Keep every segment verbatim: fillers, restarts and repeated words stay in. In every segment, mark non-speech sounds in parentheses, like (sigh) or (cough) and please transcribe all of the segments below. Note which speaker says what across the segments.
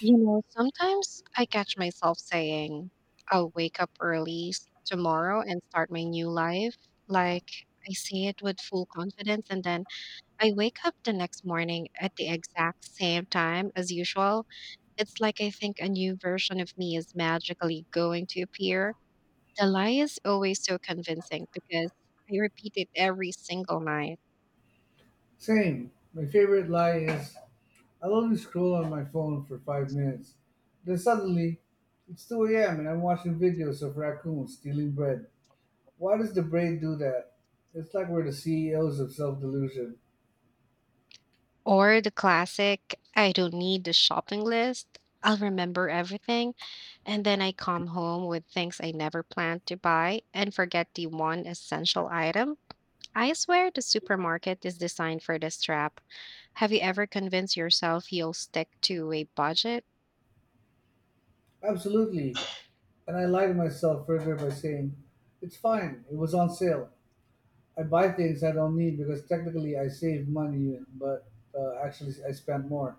Speaker 1: You know, sometimes I catch myself saying, I'll wake up early s- tomorrow and start my new life. Like, I say it with full confidence, and then I wake up the next morning at the exact same time as usual. It's like I think a new version of me is magically going to appear. The lie is always so convincing because I repeat it every single night.
Speaker 2: Same. My favorite lie is I'll only scroll on my phone for five minutes. Then suddenly, it's two a m and I'm watching videos of raccoons stealing bread. Why does the brain do that? It's like we're the C E Os of self delusion.
Speaker 1: Or the classic, I don't need the shopping list. I'll remember everything. And then I come home with things I never planned to buy and forget the one essential item. I swear the supermarket is designed for this trap. Have you ever convinced yourself you'll stick to a budget?
Speaker 2: Absolutely. And I lie to myself further by saying, it's fine, it was on sale. I buy things I don't need because technically I saved money, but uh, actually I spent more.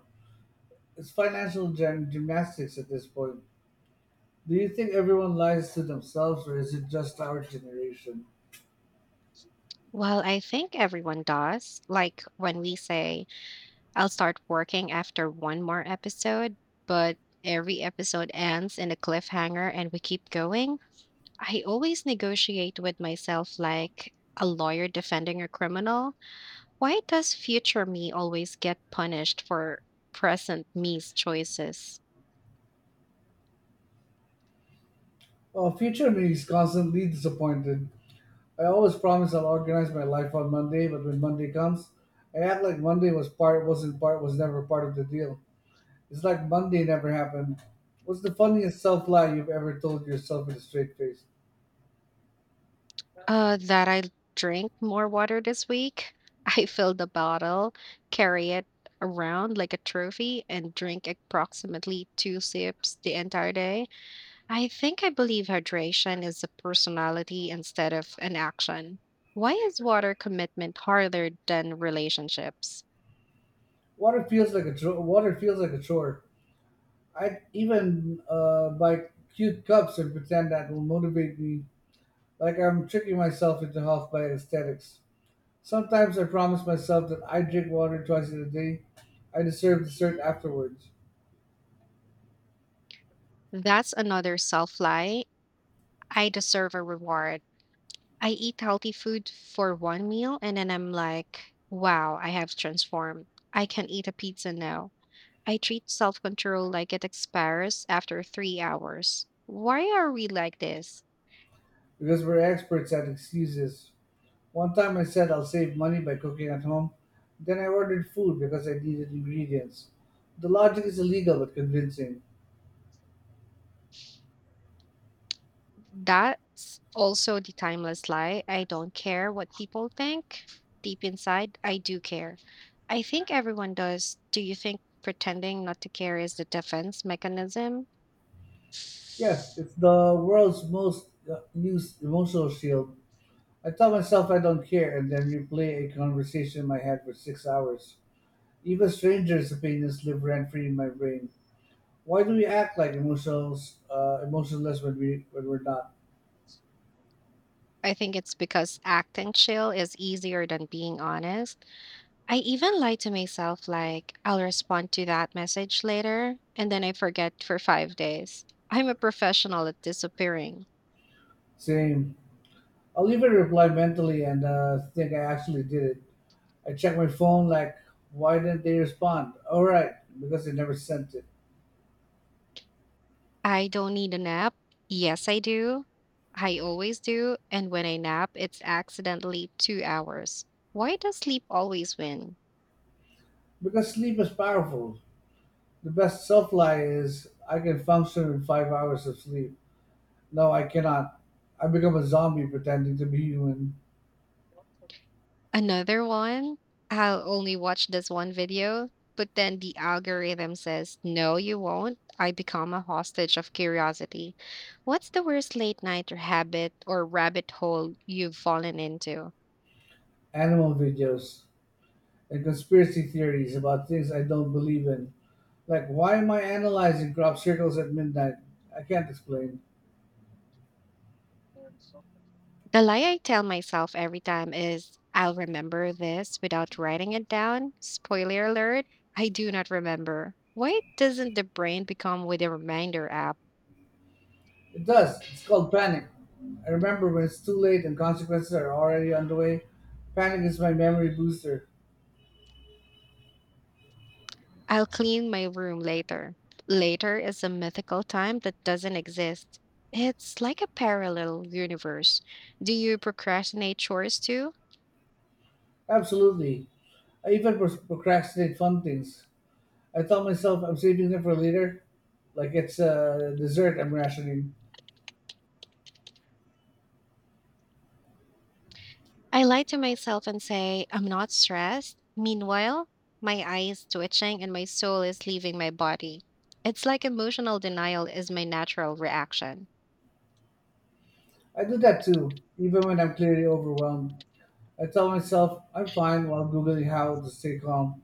Speaker 2: It's financial gym- gymnastics at this point. Do you think everyone lies to themselves, or is it just our generation?
Speaker 1: Well, I think everyone does. Like when we say, I'll start working after one more episode, but every episode ends in a cliffhanger and we keep going. I always negotiate with myself like a lawyer defending a criminal. Why does future me always get punished for present me's choices?
Speaker 2: Well, future me is constantly disappointed. I always promise I'll organize my life on Monday, but when Monday comes, I act like Monday was part, wasn't part, was never part of the deal. It's like Monday never happened. What's the funniest self lie you've ever told yourself in a straight face?
Speaker 1: Uh, that I drink more water this week. (laughs) I fill the bottle, carry it around like a trophy, and drink approximately two sips the entire day. I think I believe hydration is a personality instead of an action. Why is water commitment harder than relationships?
Speaker 2: Water feels like a chore. Water feels like a chore. I even uh, buy cute cups and pretend that will motivate me, like I'm tricking myself into half by aesthetics. Sometimes I promise myself that I drink water twice in a day. I deserve dessert afterwards
Speaker 1: That's another self lie. I deserve a reward. I eat healthy food for one meal and then I'm like, wow, I have transformed. I can eat a pizza now. I treat self control like it expires after three hours. Why are we like this?
Speaker 2: because we're experts at excuses. One time I said I'll save money by cooking at home. Then I ordered food because I needed ingredients. The logic is illegal but convincing.
Speaker 1: That's also the timeless lie. I don't care what people think. Deep inside, I do care. I think everyone does. Do you think pretending not to care is the defense mechanism?
Speaker 2: Yes, it's the world's most uh, used emotional shield. I tell myself I don't care and then replay a conversation in my head for six hours. Even strangers' opinions live rent free in my brain. Why do we act like emotionals, uh, emotionless when we when we're not?
Speaker 1: I think it's because acting chill is easier than being honest. I even lie to myself, like, I'll respond to that message later, and then I forget for five days. I'm a professional at disappearing.
Speaker 2: Same. I'll even reply mentally and uh, think I actually did it. I check my phone like, why didn't they respond? All right, because they never sent it.
Speaker 1: I don't need a nap. Yes, I do. I always do. And when I nap, it's accidentally two hours. Why does sleep always win?
Speaker 2: Because sleep is powerful. The best self lie is I can function in five hours of sleep. No, I cannot. I become a zombie pretending to be human.
Speaker 1: Another one, I'll only watch this one video, but then the algorithm says, no, you won't. I become a hostage of curiosity. What's the worst late night or habit or rabbit hole you've fallen into?
Speaker 2: Animal videos and conspiracy theories about things I don't believe in. Like, why am I analyzing crop circles at midnight? I can't explain.
Speaker 1: The lie I tell myself every time is, I'll remember this without writing it down. Spoiler alert, I do not remember. Why doesn't the brain become with a reminder app?
Speaker 2: It does. It's called panic. I remember when it's too late and consequences are already underway. Panic is my memory booster.
Speaker 1: I'll clean my room later. Later is a mythical time that doesn't exist. It's like a parallel universe. Do you procrastinate chores too?
Speaker 2: Absolutely. I even pros- procrastinate fun things. I tell myself I'm saving them for later, like it's uh, dessert I'm rationing.
Speaker 1: I lie to myself and say, I'm not stressed. Meanwhile, my eye is twitching and my soul is leaving my body. It's like emotional denial is my natural reaction.
Speaker 2: I do that too, even when I'm clearly overwhelmed. I tell myself I'm fine while Googling how to stay calm,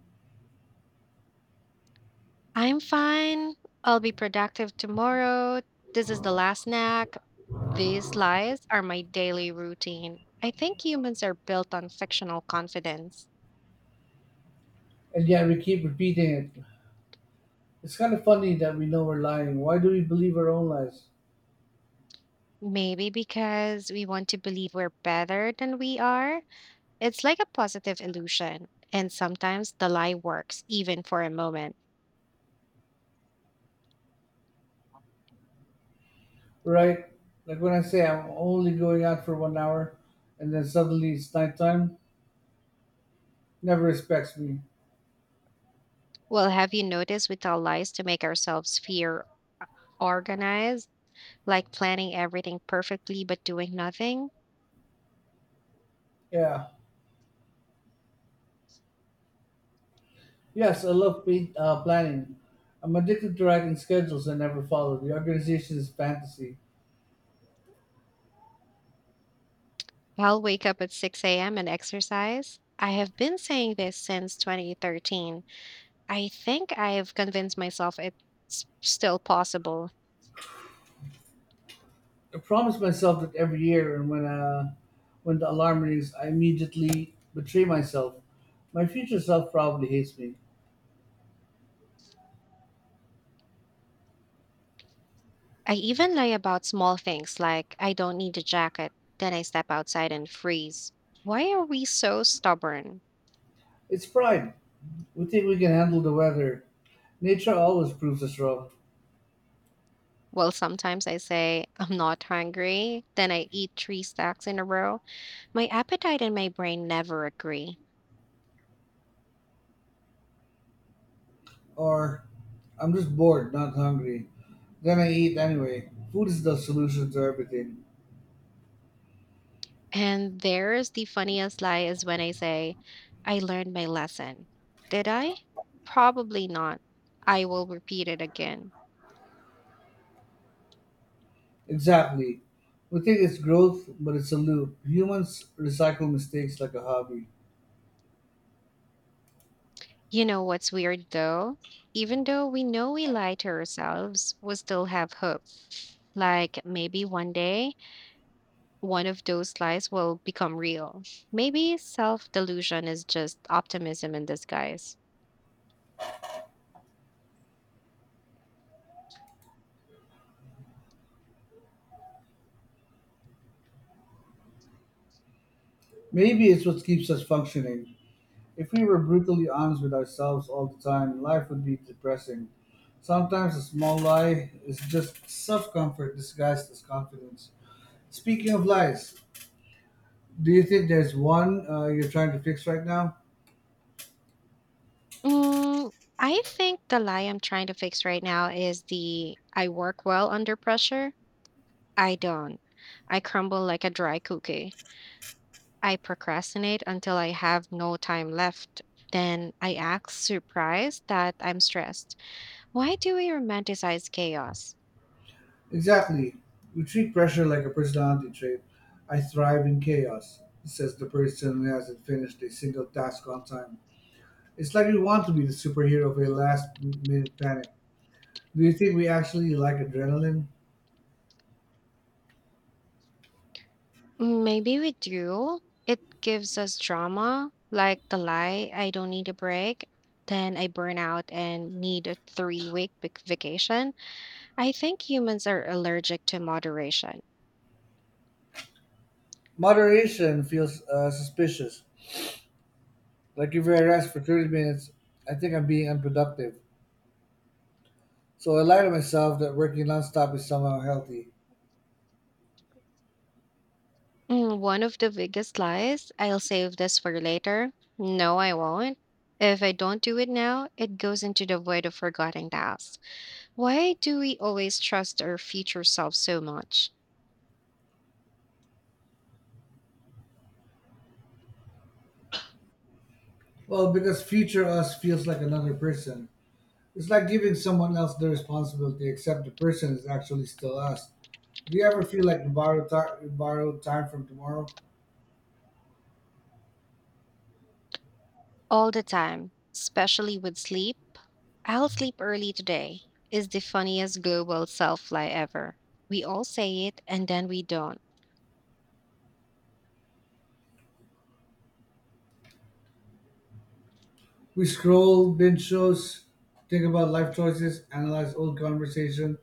Speaker 1: I'm fine. I'll be productive tomorrow. This is the last snack. These lies are my daily routine. I think humans are built on fictional confidence.
Speaker 2: and yet we keep repeating it. It's kind of funny that we know we're lying. Why do we believe our own lies?
Speaker 1: Maybe because we want to believe we're better than we are. It's like a positive illusion. And sometimes the lie works, even for a moment.
Speaker 2: Right? Like when I say I'm only going out for one hour and then suddenly it's nighttime, never respects me.
Speaker 1: Well, have you noticed we tell lies to make ourselves feel organized, like planning everything perfectly but doing nothing?
Speaker 2: Yeah. Yes, I love pa- uh, planning. I'm addicted to writing schedules I never follow. The organization is fantasy.
Speaker 1: I'll wake up at six a m and exercise. I have been saying this since twenty thirteen. I think I've convinced myself it's still possible.
Speaker 2: I promise myself that every year, and when uh, when the alarm rings, I immediately betray myself. My future self probably hates me.
Speaker 1: I even lie about small things like I don't need a jacket, then I step outside and freeze. Why are we so stubborn?
Speaker 2: It's pride. We think we can handle the weather. Nature always proves us wrong.
Speaker 1: Well, sometimes I say I'm not hungry, then I eat three stacks in a row. My appetite and my brain never agree.
Speaker 2: Or, I'm just bored, not hungry. Then I eat anyway. Food is the solution to everything.
Speaker 1: And there's the funniest lie is when I say, I learned my lesson. Did I? Probably not. I will repeat it again.
Speaker 2: Exactly. We think it's growth, but it's a loop. Humans recycle mistakes like a hobby.
Speaker 1: You know what's weird though? Even though we know we lie to ourselves, we still have hope. Like maybe one day, one of those lies will become real. Maybe self delusion is just optimism in disguise.
Speaker 2: Maybe it's what keeps us functioning. If we were brutally honest with ourselves all the time, life would be depressing. Sometimes a small lie is just self comfort disguised as confidence. Speaking of lies, do you think there's one uh, you're trying to fix right now?
Speaker 1: Mm, I think the lie I'm trying to fix right now is the I work well under pressure. I don't. I crumble like a dry cookie. I procrastinate until I have no time left. Then I act surprised that I'm stressed. Why do we romanticize chaos?
Speaker 2: Exactly. We treat pressure like a personality trait. I thrive in chaos, says the person who hasn't finished a single task on time. It's like we want to be the superhero of a last minute panic. Do you think we actually like adrenaline?
Speaker 1: Maybe we do. It gives us drama, like the lie, I don't need a break. Then I burn out and need a three week vacation. I think humans are allergic to moderation.
Speaker 2: Moderation feels uh, suspicious. Like if I rest for thirty minutes, I think I'm being unproductive. So I lie to myself that working nonstop is somehow healthy.
Speaker 1: Mm, One of the biggest lies, I'll save this for later. No, I won't. If I don't do it now, it goes into the void of forgotten tasks. Why do we always trust our future self so much?
Speaker 2: Well, because future us feels like another person. It's like giving someone else the responsibility, except the person is actually still us. Do you ever feel like you borrow, ti- you borrow time from tomorrow?
Speaker 1: All the time, especially with sleep. I'll sleep early today is the funniest global self lie ever. We all say it and then we don't.
Speaker 2: We scroll, binge shows, think about life choices, analyze old conversation.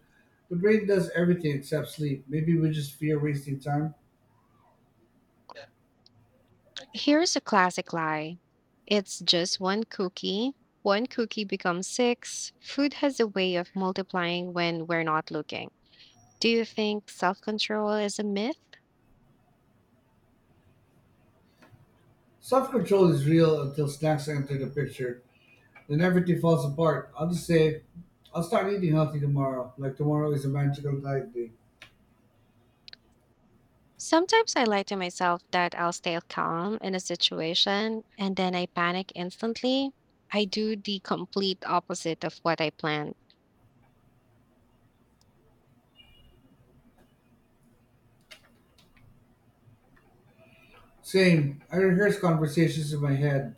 Speaker 2: The brain does everything except sleep. Maybe we just fear wasting time.
Speaker 1: Here's a classic lie. It's just one cookie. One cookie becomes six. Food has a way of multiplying when we're not looking. Do you think self control is a myth?
Speaker 2: Self control is real until snacks enter the picture. Then everything falls apart. I'll just say, I'll start eating healthy tomorrow. Like tomorrow is a magical diet day.
Speaker 1: Sometimes I lie to myself that I'll stay calm in a situation and then I panic instantly. I do the complete opposite of what I planned.
Speaker 2: Same. I rehearse conversations in my head.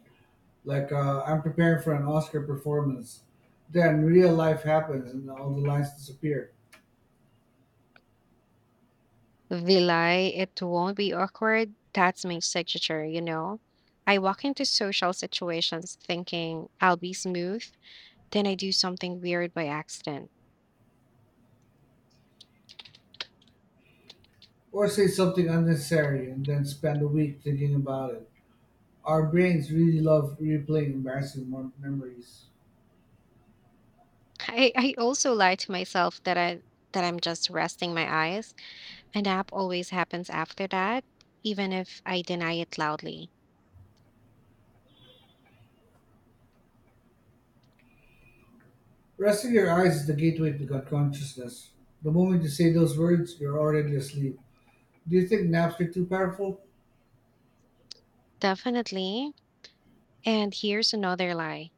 Speaker 2: Like uh, I'm preparing for an Oscar performance. Then real life happens and all the lines disappear.
Speaker 1: The lie, it won't be awkward. That's my signature, you know? I walk into social situations thinking I'll be smooth then I do something weird by accident.
Speaker 2: Or say something unnecessary and then spend a week thinking about it. Our brains really love replaying embarrassing mem- memories.
Speaker 1: (laughs) I, I also lie to myself that I that I'm just resting my eyes. A nap always happens after that, even if I deny it loudly.
Speaker 2: Resting your eyes is the gateway to god consciousness. The moment you say those words, you're already asleep. Do you think naps are too powerful?
Speaker 1: Definitely. And here's another lie.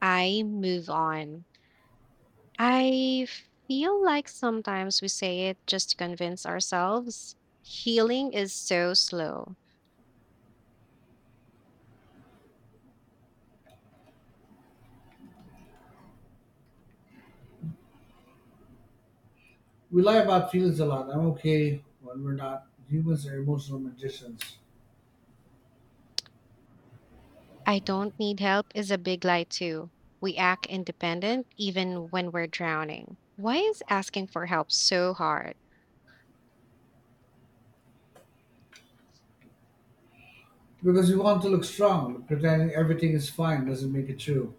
Speaker 1: I move on. I feel like sometimes we say it just to convince ourselves. Healing is so slow.
Speaker 2: We lie about feelings a lot. I'm okay when we're not. Humans are emotional magicians.
Speaker 1: I don't need help is a big lie, too. We act independent even when we're drowning. Why is asking for help so hard?
Speaker 2: Because we want to look strong, but pretending everything is fine doesn't make it true.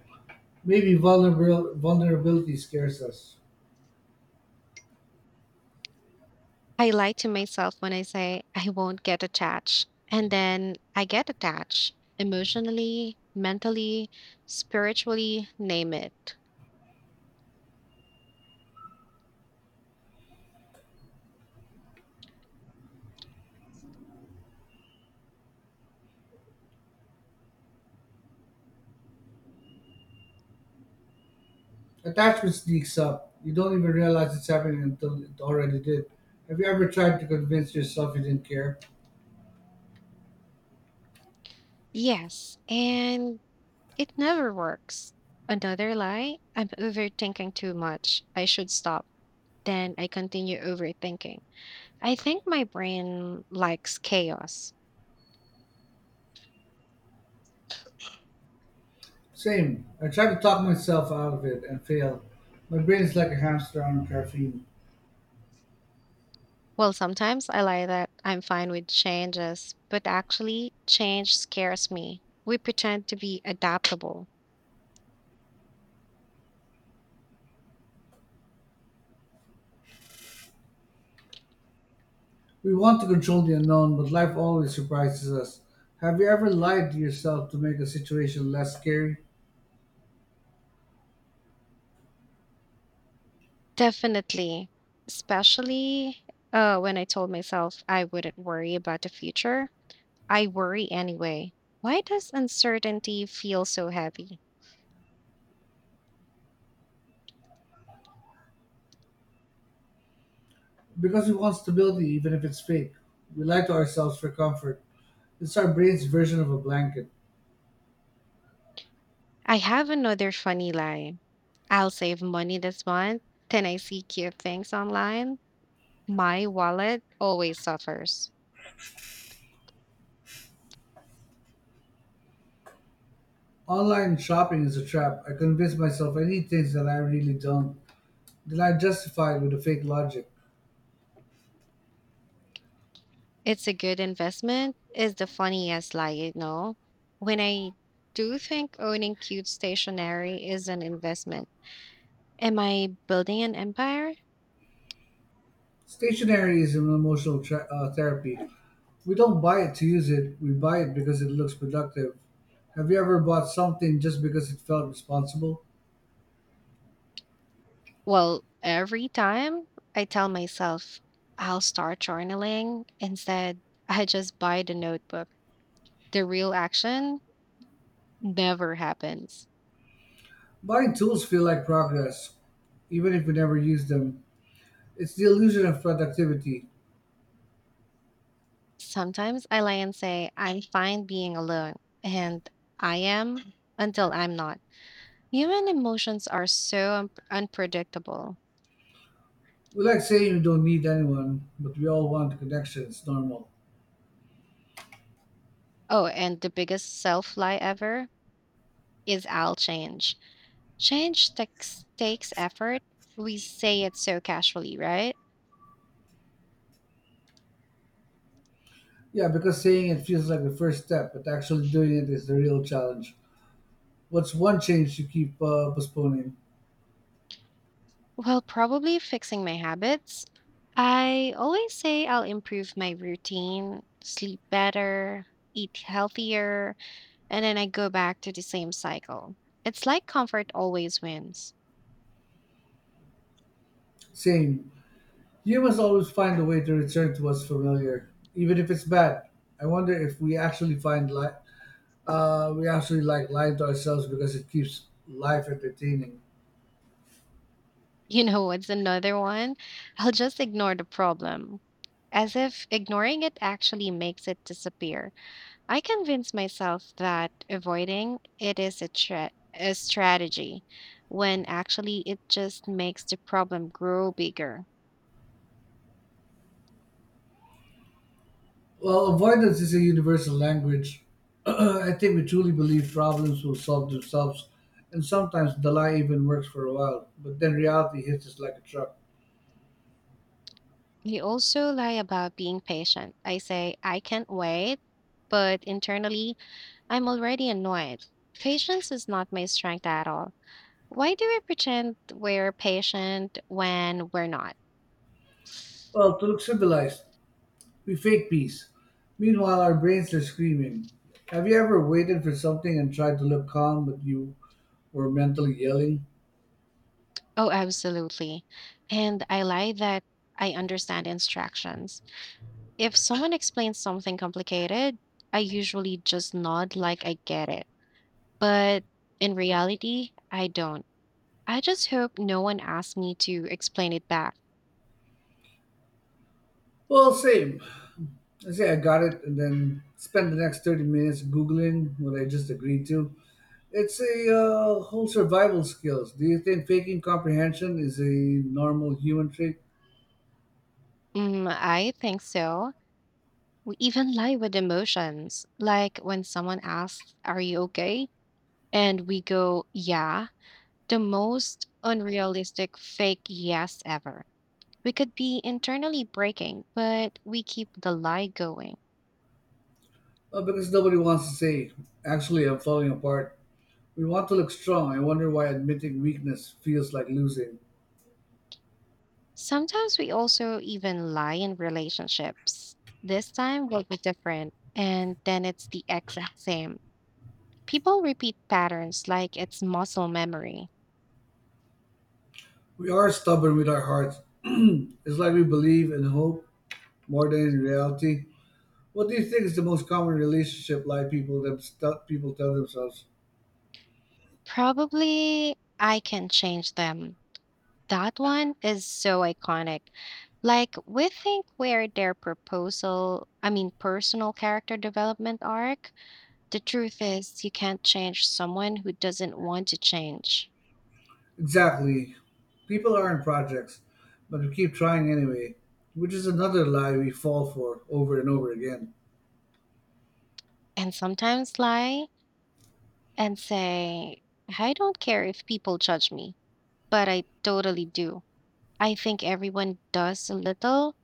Speaker 2: Maybe vulnerabil- vulnerability scares us.
Speaker 1: I lie to myself when I say I won't get attached, and then I get attached emotionally, mentally, spiritually, name it.
Speaker 2: Attachment sneaks up. You don't even realize it's happening until it already did. Have you ever tried to convince yourself you didn't care?
Speaker 1: Yes, and it never works. Another lie I'm overthinking too much. I should stop. Then I continue overthinking. I think my brain likes chaos.
Speaker 2: Same. I tried to talk myself out of it and failed. My brain is like a hamster on caffeine.
Speaker 1: Well, sometimes I lie that I'm fine with changes, but actually, change scares me. We pretend to be adaptable.
Speaker 2: We want to control the unknown, but life always surprises us. Have you ever lied to yourself to make a situation less scary?
Speaker 1: Definitely. Especially uh, when I told myself I wouldn't worry about the future, I worry anyway. Why does uncertainty feel so heavy?
Speaker 2: Because we want stability even if it's fake. We lie to ourselves for comfort. It's our brain's version of a blanket.
Speaker 1: I have another funny lie. I'll save money this month. Then I see cute things online. My wallet always suffers.
Speaker 2: Online shopping is a trap. I convince myself I need things that I really don't, that I justified with a fake logic.
Speaker 1: It's a good investment is the funniest lie, you know. When I do think owning cute stationery is an investment, am I building an empire?
Speaker 2: Stationery is an emotional tra- uh, therapy. We don't buy it to use it, we buy it because it looks productive. Have you ever bought something just because it felt responsible?
Speaker 1: Well, every time I tell myself I'll start journaling, instead, I just buy the notebook. The real action never happens.
Speaker 2: Buying tools feel like progress, even if we never use them. It's the illusion of productivity.
Speaker 1: Sometimes I lie and say I'm fine being alone, and I am until I'm not. Human emotions are so un- unpredictable.
Speaker 2: We like saying we don't need anyone, but we all want connection. It's normal.
Speaker 1: Oh, and the biggest self lie ever is I'll change. Change takes, takes effort. We say it so casually, right?
Speaker 2: Yeah, because saying it feels like the first step, but actually doing it is the real challenge. What's one change you keep uh, postponing?
Speaker 1: Well, probably fixing my habits. I always say I'll improve my routine, sleep better, eat healthier, and then I go back to the same cycle. It's like comfort always wins. (laughs)
Speaker 2: Same. You must always find a way to return to what's familiar, even if it's bad. I wonder if we actually find li- uh, we actually like lying to ourselves because it keeps life entertaining.
Speaker 1: You know what's another one? I'll just ignore the problem, as if ignoring it actually makes it disappear. I convince myself that avoiding it is a, tra- a strategy when actually it just makes the problem grow bigger.
Speaker 2: Well, avoidance is a universal language. (clears throat) I think we truly believe problems will solve themselves, and sometimes the lie even works for a while, but then reality hits us like a truck.
Speaker 1: You also lie about being patient. I say, I can't wait, but internally, I'm already annoyed. Patience is not my strength at all. Why do we pretend we're patient when we're not?
Speaker 2: Well, to look civilized, we fake peace. Meanwhile, our brains are screaming. Have you ever waited for something and tried to look calm, but you were mentally yelling?
Speaker 1: Oh, absolutely. And I lie that I understand instructions. If someone explains something complicated, I usually just nod like I get it. But in reality, I don't. I just hope no one asks me to explain it back.
Speaker 2: Well, same. I say I got it and then spend the next thirty minutes Googling what I just agreed to. It's a uh, whole survival skills. Do you think faking comprehension is a normal human trait?
Speaker 1: Mm, I think so. We even lie with emotions. Like when someone asks, are you okay? And we go, yeah. The most unrealistic fake yes ever. We could be internally breaking, but we keep the lie going.
Speaker 2: Well, because nobody wants to say, actually, I'm falling apart. We want to look strong. I wonder why admitting weakness feels like losing.
Speaker 1: Sometimes we also even lie in relationships. This time will be different, and then it's the exact same. People repeat patterns like it's muscle memory.
Speaker 2: We are stubborn with our hearts. (clears throat) It's like we believe in hope more than in reality. What do you think is the most common relationship lie people them stu- people tell themselves?
Speaker 1: Probably I can change them. That one is so iconic. Like we think where their proposal, I mean personal character development arc, the truth is you can't change someone who doesn't want to change.
Speaker 2: Exactly. People aren't projects, but we keep trying anyway, which is another lie we fall for over and over again.
Speaker 1: And sometimes lie and say, I don't care if people judge me, but I totally do. I think everyone does a little.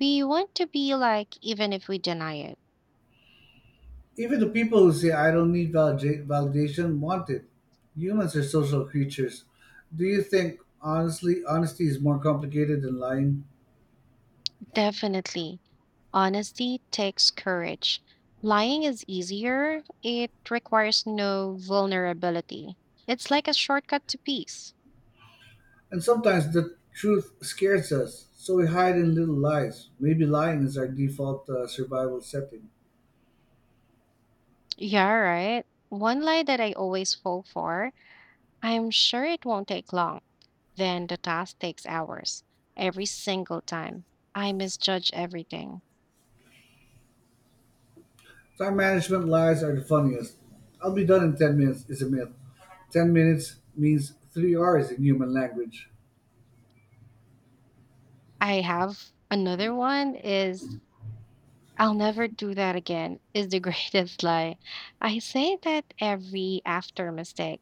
Speaker 1: We want to be like, even if we deny it.
Speaker 2: Even the people who say I don't need valida- validation want it. Humans are social creatures. Do you think honestly honesty is more complicated than lying?
Speaker 1: Definitely. Honesty takes courage. Lying is easier, it requires no vulnerability. It's like a shortcut to peace.
Speaker 2: And sometimes the truth scares us, so we hide in little lies. Maybe lying is our default uh, survival setting.
Speaker 1: Yeah, right. One lie that I always fall for, I'm sure it won't take long. Then the task takes hours every single time. I misjudge everything.
Speaker 2: Time management lies are the funniest. I'll be done in ten minutes is a myth. ten minutes means three R's in human language.
Speaker 1: I have another one is I'll never do that again is the (laughs) greatest lie. I say that every after mistake.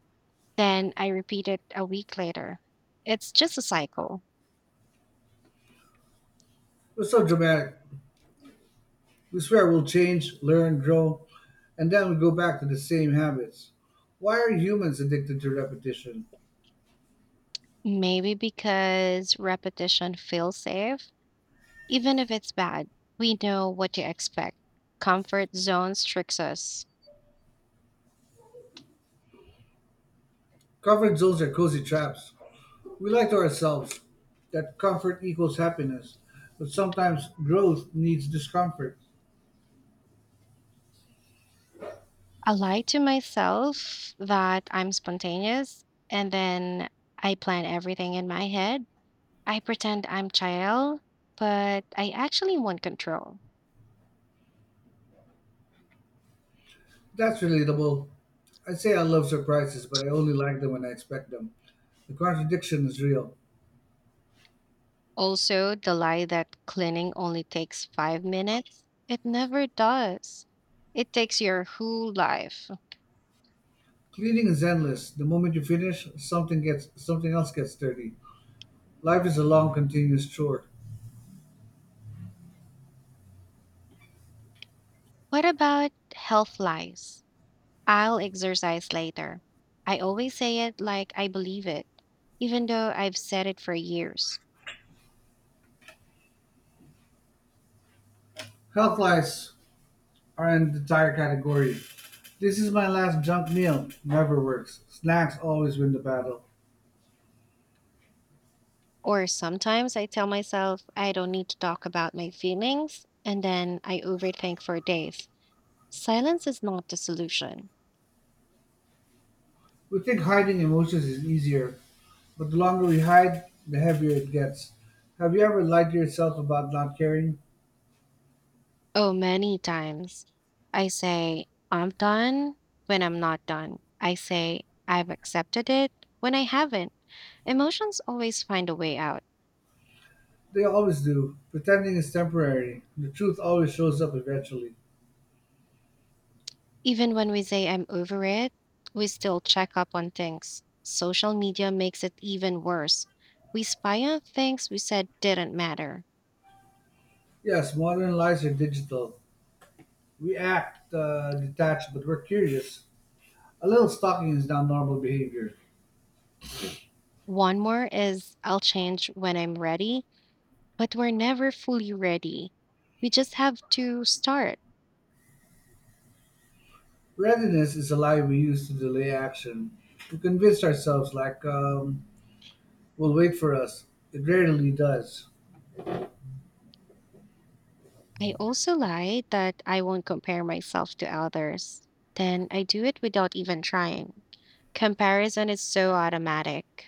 Speaker 1: Then I repeat it a week later. It's just a cycle.
Speaker 2: We're so dramatic. We swear we'll change, learn, grow, and then we go back to the same habits. Why are humans addicted to repetition?
Speaker 1: Maybe because repetition feels safe. Even if it's bad, we know what to expect. Comfort zones tricks us.
Speaker 2: Comfort zones are cozy traps. We lie to ourselves that comfort equals happiness, but sometimes growth needs discomfort.
Speaker 1: I lie to myself that I'm spontaneous and then I plan everything in my head. I pretend I'm chill, but I actually want control.
Speaker 2: That's relatable. I say I love surprises, but I only like them when I expect them. The contradiction is real.
Speaker 1: Also, the lie that cleaning only takes five minutes, it never does. It takes your whole life.
Speaker 2: Cleaning is endless. The moment you finish, something gets something else gets dirty. Life is a long, continuous chore.
Speaker 1: What about health lies? I'll exercise later. I always say it like I believe it, even though I've said it for years.
Speaker 2: Health lies are an entire category. This is my last junk meal. Never works. Snacks always win the battle.
Speaker 1: Or sometimes I tell myself I don't need to talk about my feelings, and then I overthink for days. Silence is not the solution.
Speaker 2: We think hiding emotions is easier, but the longer we hide, the heavier it gets. Have you ever lied to yourself about not caring?
Speaker 1: Oh, many times I say, I'm done when I'm not done. I say, I've accepted it when I haven't. Emotions always find a way out.
Speaker 2: They always do. Pretending is temporary. The truth always shows up eventually.
Speaker 1: Even when we say I'm over it, we still check up on things. Social media makes it even worse. We spy on things we said didn't matter.
Speaker 2: Yes, modern lies are digital. We act uh, detached, but we're curious. A little stalking is not normal behavior.
Speaker 1: One more is I'll change when I'm ready, but we're never fully ready. We just have to start.
Speaker 2: Readiness is a lie we use to delay action. We convince ourselves, like, um, will wait for us. It rarely does.
Speaker 1: I also lie that I won't compare myself to others. Then I do it without even trying. Comparison is so automatic.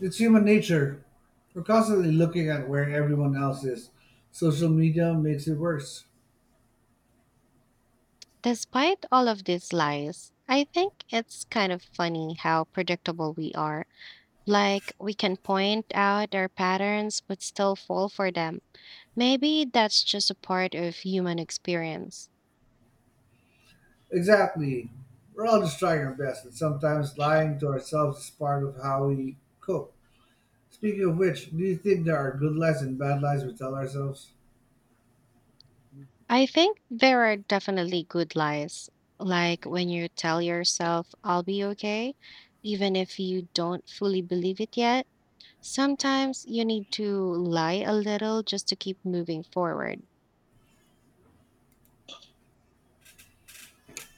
Speaker 2: It's human nature. We're constantly looking at where everyone else is. Social media makes it worse.
Speaker 1: Despite all of these lies, I think it's kind of funny how predictable we are. Like, we can point out our patterns but still fall for them. Maybe that's just a part of human experience.
Speaker 2: Exactly. We're all just trying our best, and sometimes lying to ourselves is part of how we cope. Speaking of which, do you think there are good lies and bad lies we tell ourselves?
Speaker 1: I think there are definitely good lies, like when you tell yourself, I'll be okay, even if you don't fully believe it yet. Sometimes you need to lie a little just to keep moving forward.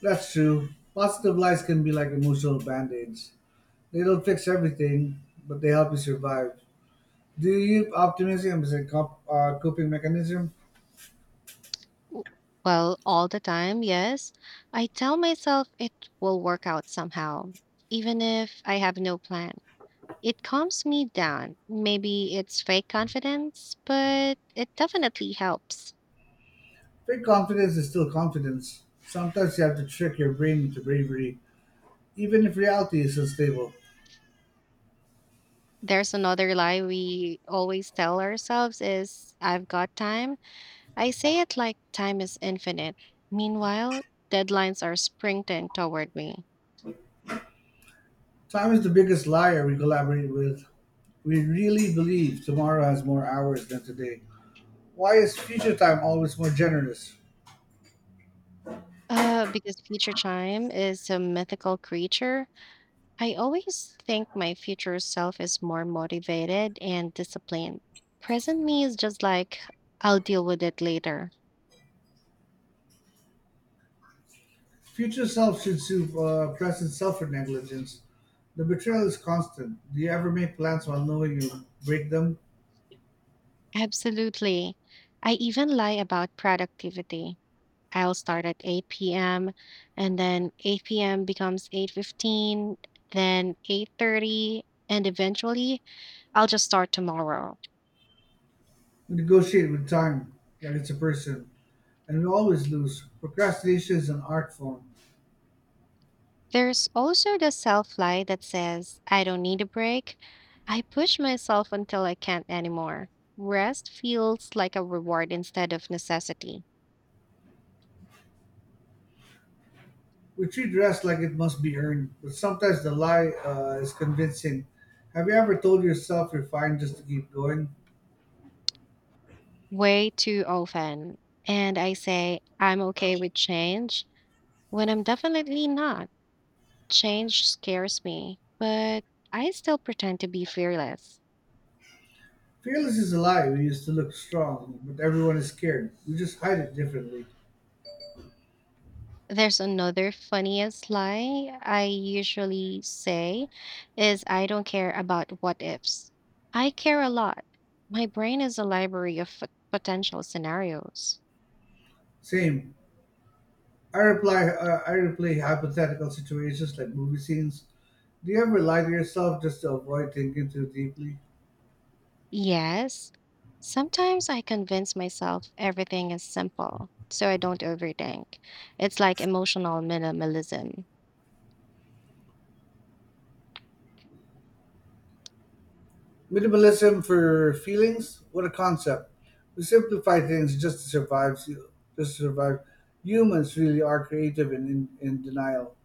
Speaker 2: That's true. Positive lies can be like emotional band aids. They don't fix everything, but they help you survive. Do you use optimism as a cop- uh, coping mechanism?
Speaker 1: W- Well, all the time, yes. I tell myself it will work out somehow, even if I have no plan. It calms me down. Maybe it's fake confidence, but it definitely helps.
Speaker 2: Fake confidence is still confidence. Sometimes you have to trick your brain into bravery, even if reality is unstable.
Speaker 1: There's another lie we always tell ourselves is I've got time. I say it like time is infinite. Meanwhile, deadlines are sprinting toward me.
Speaker 2: Time is the biggest liar we collaborate with. We really believe tomorrow has more hours than today. Why is future time always more generous?
Speaker 1: Uh, because future time is a mythical creature, I always think my future self is more motivated and disciplined. Present me is just like, I'll deal with it later.
Speaker 2: Future self should sue uh, present self for negligence. The betrayal is constant. Do you ever make plans while knowing you break them?
Speaker 1: Absolutely. I even lie about productivity. I'll start at eight p m and then eight p m becomes eight fifteen, then eight thirty, and eventually I'll just start tomorrow.
Speaker 2: We negotiate with time like it's a person, and we always lose. Procrastination is an art form.
Speaker 1: There's also the self-lie that says I don't need a break. I push myself until I can't anymore. Rest feels like a reward instead of necessity.
Speaker 2: We treat rest like it must be earned, but sometimes the lie uh, is convincing. Have you ever told yourself you're fine just to keep going?
Speaker 1: Way too often. And I say I'm okay with change when I'm definitely not. Change scares me, but I still pretend to be fearless.
Speaker 2: Fearless is a lie. We used to look strong, but everyone is scared. We just hide it differently.
Speaker 1: There's another funniest lie I usually say is I don't care about what ifs. I care a lot. My brain is a library of f- potential scenarios.
Speaker 2: Same. I reply. Uh, I replay hypothetical situations like movie scenes. Do you ever lie to yourself just to avoid thinking too deeply?
Speaker 1: Yes, sometimes I convince myself everything is simple, so I don't overthink. It's like emotional minimalism.
Speaker 2: Minimalism for feelings? What a concept. We simplify things just to survive. Just to survive. Humans really are creative and in, in denial.